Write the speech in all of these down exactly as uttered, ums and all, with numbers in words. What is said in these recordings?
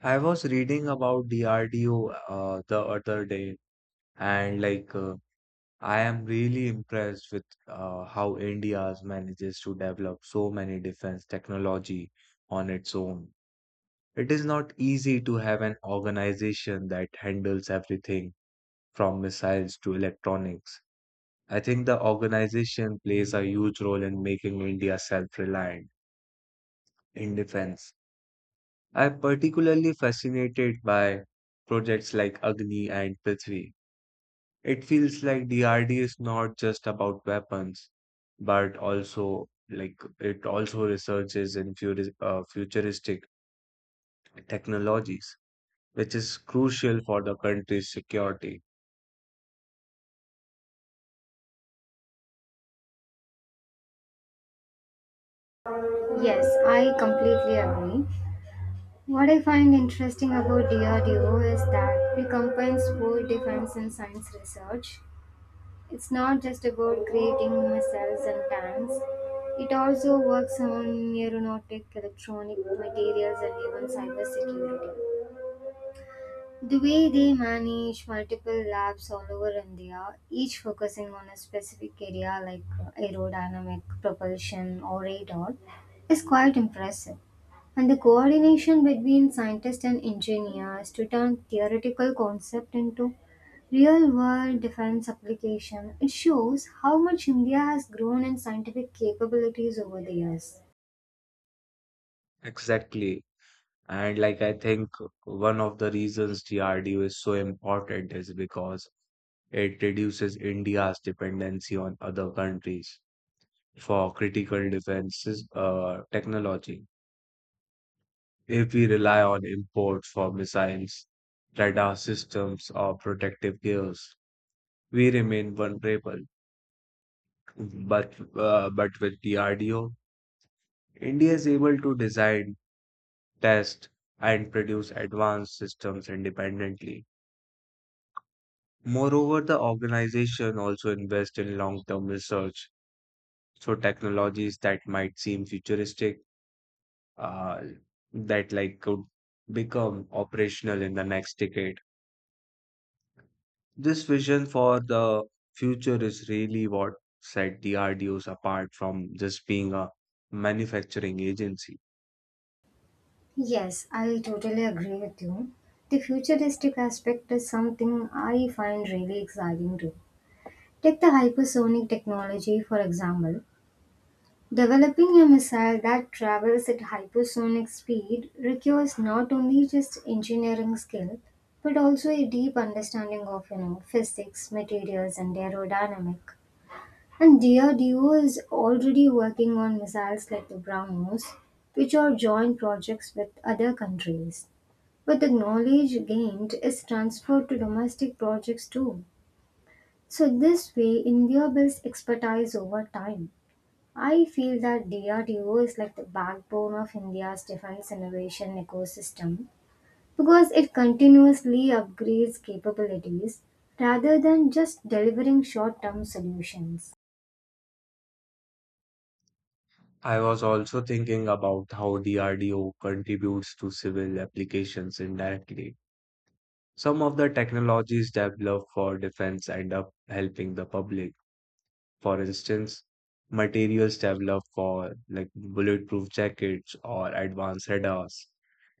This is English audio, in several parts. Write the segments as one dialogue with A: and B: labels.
A: I was reading about D R D O uh, the other day, and like uh, I am really impressed with uh, how India manages to develop so many defense technology on its own. It is not easy to have an organization that handles everything from missiles to electronics. I think the organization plays a huge role in making India self-reliant in defense. I am particularly fascinated by projects like Agni and Prithvi. It feels like D R D is not just about weapons, but also like it also researches in futuris- uh, futuristic technologies, which is crucial for the country's security.
B: Yes, I completely agree. What I find interesting about D R D O is that it combines both defense and science research. It's not just about creating missiles and tanks. It also works on aeronautic, electronic materials, and even cybersecurity. The way they manage multiple labs all over India, each focusing on a specific area like uh, aerodynamic, propulsion, or radar, is quite impressive. And the coordination between scientists and engineers to turn theoretical concept into real world defense application, it shows how much India has grown in scientific capabilities over the years.
A: Exactly. And like I think one of the reasons D R D O is so important is because it reduces India's dependency on other countries for critical defenses uh, technology. If we rely on imports for missiles, radar systems, or protective gears, we remain vulnerable. But, uh, but with D R D O, India is able to design, test, and produce advanced systems independently. Moreover, the organization also invests in long term research. So, technologies that might seem futuristic, uh, that like could become operational in the next decade. This vision for the future is really what set D R D Os apart from just being a manufacturing agency.
B: Yes, I totally agree with you. The futuristic aspect is something I find really exciting too. Take the hypersonic technology, for example. Developing a missile that travels at hypersonic speed requires not only just engineering skill, but also a deep understanding of you know physics, materials, and aerodynamic. And D R D O is already working on missiles like the BrahMos, which are joint projects with other countries. But the knowledge gained is transferred to domestic projects too. So, this way, India builds expertise over time. I feel that D R D O is like the backbone of India's defense innovation ecosystem because it continuously upgrades capabilities rather than just delivering short term solutions.
A: I was also thinking about how D R D O contributes to civil applications indirectly. Some of the technologies developed for defense end up helping the public. For instance, materials developed for like bulletproof jackets or advanced radars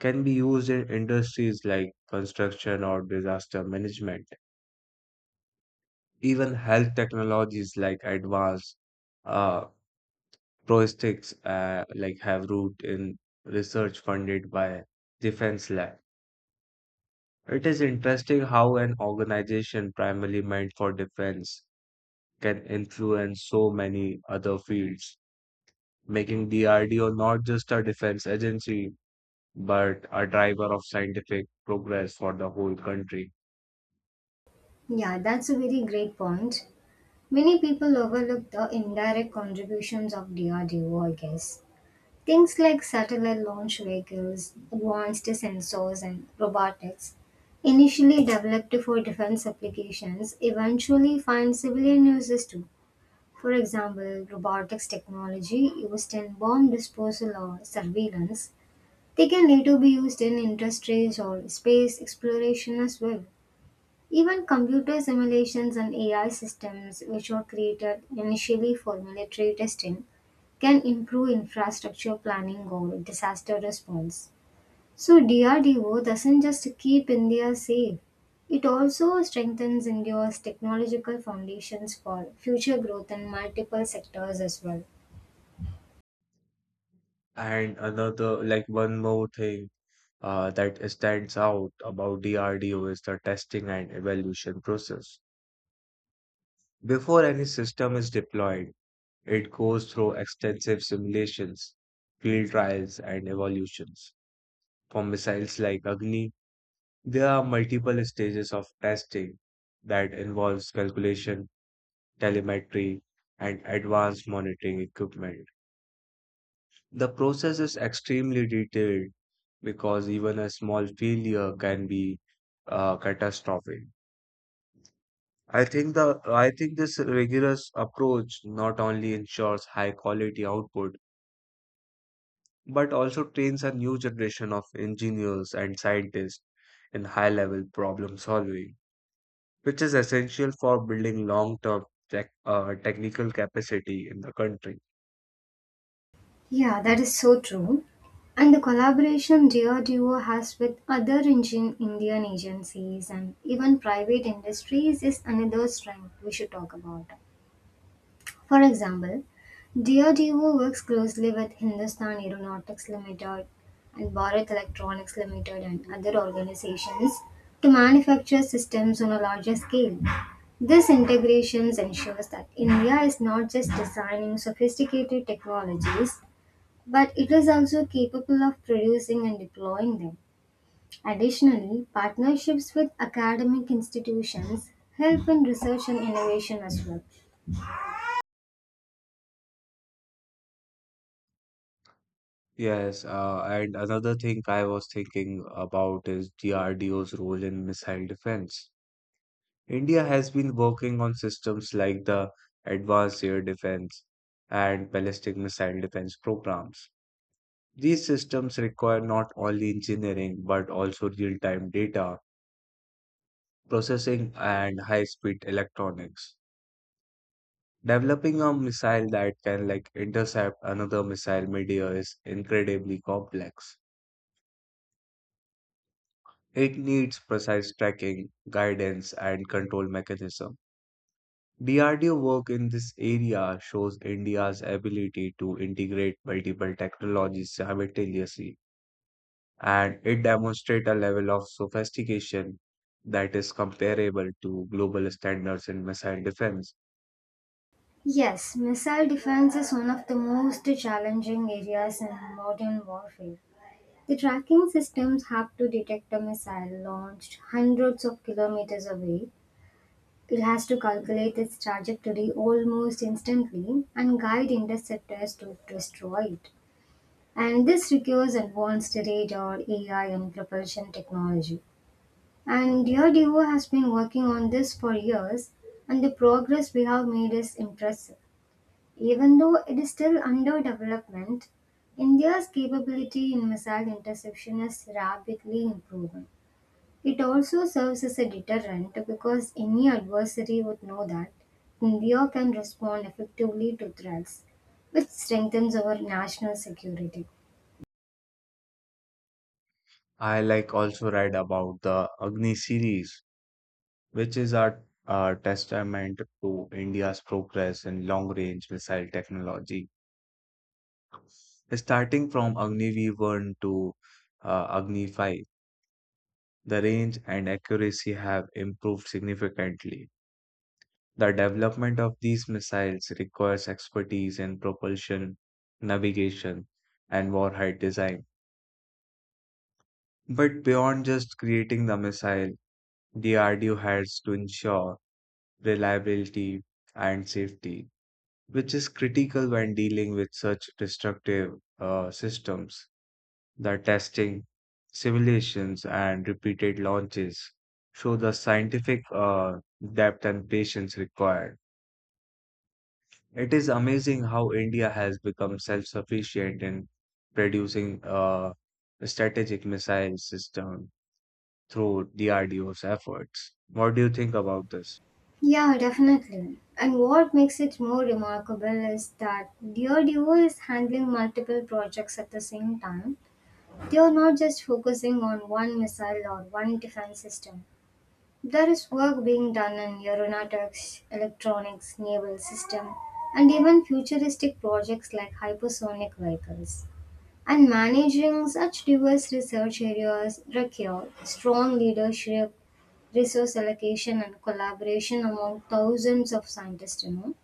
A: can be used in industries like construction or disaster management. Even health technologies like advanced uh, prosthetics uh, like have root in research funded by Defense Lab. It is interesting how an organization primarily meant for defense can influence so many other fields, making D R D O not just a defense agency, but a driver of scientific progress for the whole country.
B: Yeah, that's a very great point. Many people overlook the indirect contributions of D R D O, I guess. Things like satellite launch vehicles, advanced sensors, and robotics, initially developed for defense applications, eventually find civilian uses too. For example, robotics technology used in bomb disposal or surveillance, they can later be used in industries or space exploration as well. Even computer simulations and A I systems, which were created initially for military testing, can improve infrastructure planning or disaster response. So D R D O doesn't just keep India safe, it also strengthens India's technological foundations for future growth in multiple sectors as well.
A: And another, like one more thing uh, that stands out about D R D O is the testing and evaluation process. Before any system is deployed, it goes through extensive simulations, field trials, and evolutions. For missiles like Agni, there are multiple stages of testing that involves calculation, telemetry, and advanced monitoring equipment. The process is extremely detailed because even a small failure can be uh, catastrophic. I think the I think this rigorous approach not only ensures high quality output but also trains a new generation of engineers and scientists in high level problem solving, which is essential for building long term tech, uh, technical capacity in the country.
B: Yeah, that is so true. And the collaboration D R D O has with other Indian Indian agencies and even private industries is another strength we should talk about. For example, D R D O works closely with Hindustan Aeronautics Limited and Bharat Electronics Limited and other organizations to manufacture systems on a larger scale. This integration ensures that India is not just designing sophisticated technologies, but it is also capable of producing and deploying them. Additionally, partnerships with academic institutions help in research and innovation as well.
A: Yes, uh, and another thing I was thinking about is D R D O's role in missile defense. India has been working on systems like the Advanced Air Defense and Ballistic Missile Defense programs. These systems require not only engineering but also real-time data processing and high-speed electronics. Developing a missile that can like intercept another missile midair is incredibly complex. It needs precise tracking, guidance, and control mechanism. D R D O work in this area shows India's ability to integrate multiple technologies simultaneously, and it demonstrates a level of sophistication that is comparable to global standards in missile defense.
B: Yes, missile defense is one of the most challenging areas in modern warfare. The tracking systems have to detect a missile launched hundreds of kilometers away. It has to calculate its trajectory almost instantly and guide interceptors to destroy it. And this requires advanced radar, A I, and propulsion technology. And D R D O has been working on this for years, and the progress we have made is impressive. Even though it is still under development, India's capability in missile interception is rapidly improving. It also serves as a deterrent because any adversary would know that India can respond effectively to threats, which strengthens our national security.
A: I like also read about the Agni series, which is a, a testament to India's progress in long-range missile technology. Starting from Agni V one to uh, Agni five, the range and accuracy have improved significantly. The development of these missiles requires expertise in propulsion, navigation, and warhead design. But beyond just creating the missile, D R D O has to ensure reliability and safety, which is critical when dealing with such destructive uh, systems. The testing, simulations, and repeated launches show the scientific uh, depth and patience required. It is amazing how India has become self-sufficient in producing uh, a strategic missile system through D R D O's efforts. What do you think about this?
B: Yeah, definitely. And what makes it more remarkable is that DoD is handling multiple projects at the same time. They are not just focusing on one missile or one defense system. There is work being done in aeronautics, electronics, naval system, and even futuristic projects like hypersonic vehicles. And managing such diverse research areas require strong leadership, resource allocation, and collaboration among thousands of scientists. You know,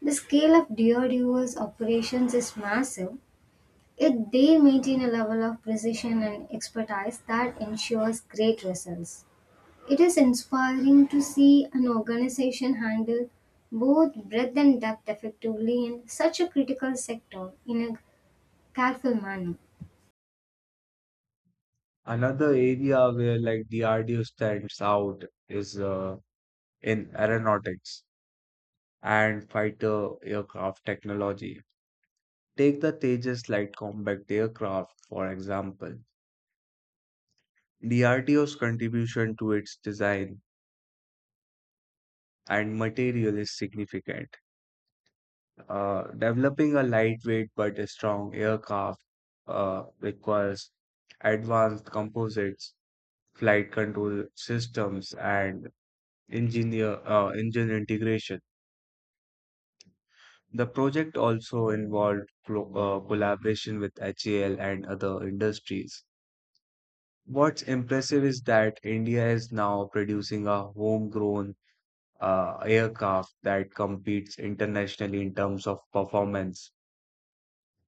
B: the scale of D R D O's operations is massive. Yet they maintain a level of precision and expertise that ensures great results. It is inspiring to see an organization handle both breadth and depth effectively in such a critical sector in a careful manner.
A: Another area where like D R D O stands out is uh, in aeronautics and fighter aircraft technology. Take the Tejas light combat aircraft, for example. D R D O's contribution to its design and material is significant. Uh, developing a lightweight but a strong aircraft uh, requires advanced composites, flight control systems, and engineer uh, engine integration. The project also involved clo- uh, collaboration with H A L and other industries. What's impressive is that India is now producing a homegrown uh, aircraft that competes internationally in terms of performance.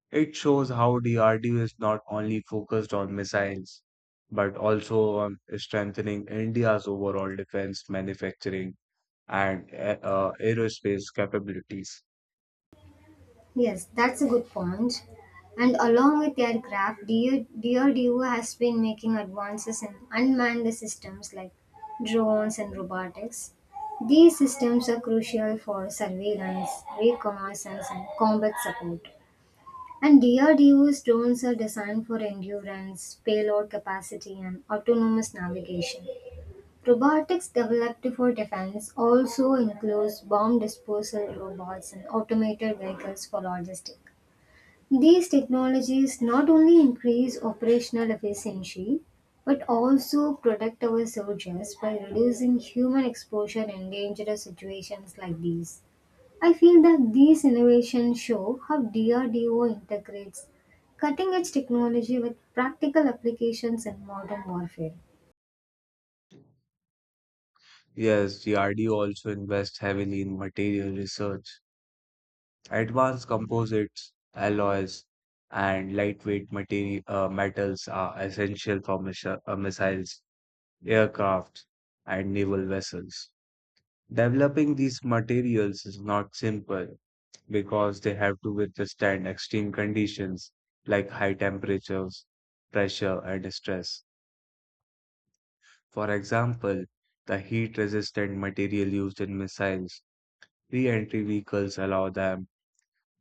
A: It shows how D R D O is not only focused on missiles, but also on strengthening India's overall defense manufacturing and a- uh, aerospace capabilities.
B: Yes, that's a good point. And along with aircraft, DO D R D O has been making advances in unmanned systems like drones and robotics. These systems are crucial for surveillance, reconnaissance, and combat support. And D R D O's drones are designed for endurance, payload capacity, and autonomous navigation. Robotics developed for defense also includes bomb disposal robots and automated vehicles for logistics. These technologies not only increase operational efficiency but also protect our soldiers by reducing human exposure in dangerous situations like these. I feel that these innovations show how D R D O integrates cutting edge technology with practical applications in modern warfare.
A: Yes, D R D O also invests heavily in material research. Advanced composites, alloys, and lightweight materi- uh, metals are essential for missi- uh, missiles, aircraft, and naval vessels. Developing these materials is not simple because they have to withstand extreme conditions like high temperatures, pressure, and stress. For example, the heat resistant material used in missiles, re entry vehicles allow them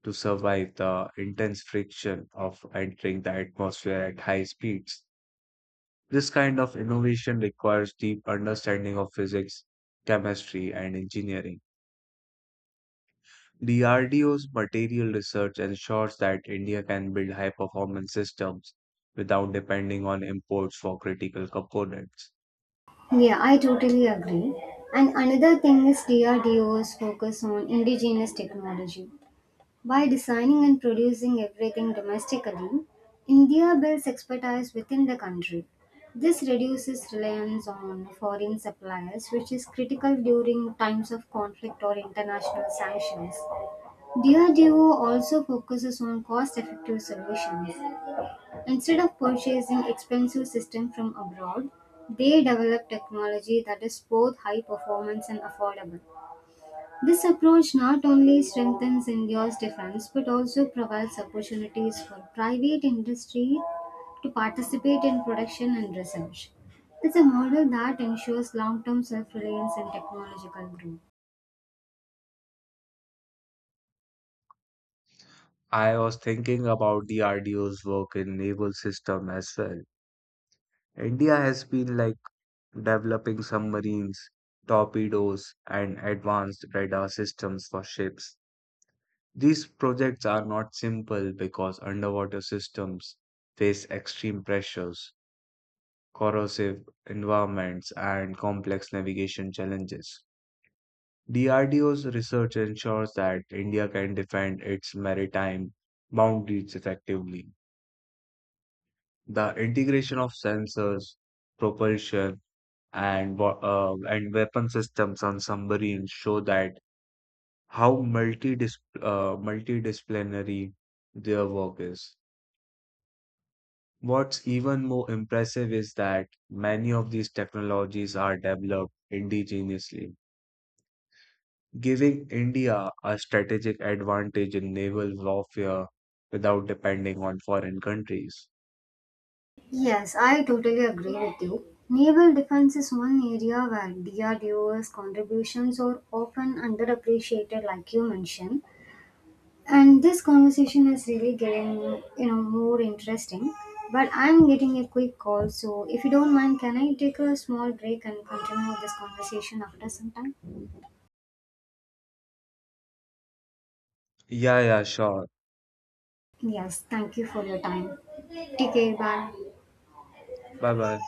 A: to survive the intense friction of entering the atmosphere at high speeds. This kind of innovation requires deep understanding of physics, chemistry, and engineering. D R D O's material research ensures that India can build high performance systems without depending on imports for critical components.
B: Yeah, I totally agree. And another thing is D R D O's focus on indigenous technology. By designing and producing everything domestically, India builds expertise within the country. This reduces reliance on foreign suppliers, which is critical during times of conflict or international sanctions. Diageo also focuses on cost-effective solutions. Instead of purchasing expensive systems from abroad, they develop technology that is both high performance and affordable. This approach not only strengthens India's defense but also provides opportunities for private industry to participate in production and research. It's a model that ensures long-term self-reliance and technological growth.
A: I was thinking about the R D O's work in naval system as well. India has been like developing submarines, torpedoes, and advanced radar systems for ships. These projects are not simple because underwater systems face extreme pressures, corrosive environments, and complex navigation challenges. D R D O's research ensures that India can defend its maritime boundaries effectively. The integration of sensors, propulsion, and wa- uh, and weapon systems on submarines show that how multi uh, multidisciplinary their work is. What's even more impressive is that many of these technologies are developed indigenously, giving India a strategic advantage in naval warfare without depending on foreign countries.
B: Yes, I totally agree with you. Naval defense is one area where D R D O's contributions are often underappreciated, like you mentioned. And this conversation is really getting, you know, more interesting. But I'm getting a quick call, so if you don't mind, can I take a small break and continue this conversation after some time?
A: Yeah, yeah, sure.
B: Yes, thank you for your time. Take care, bye.
A: Bye bye.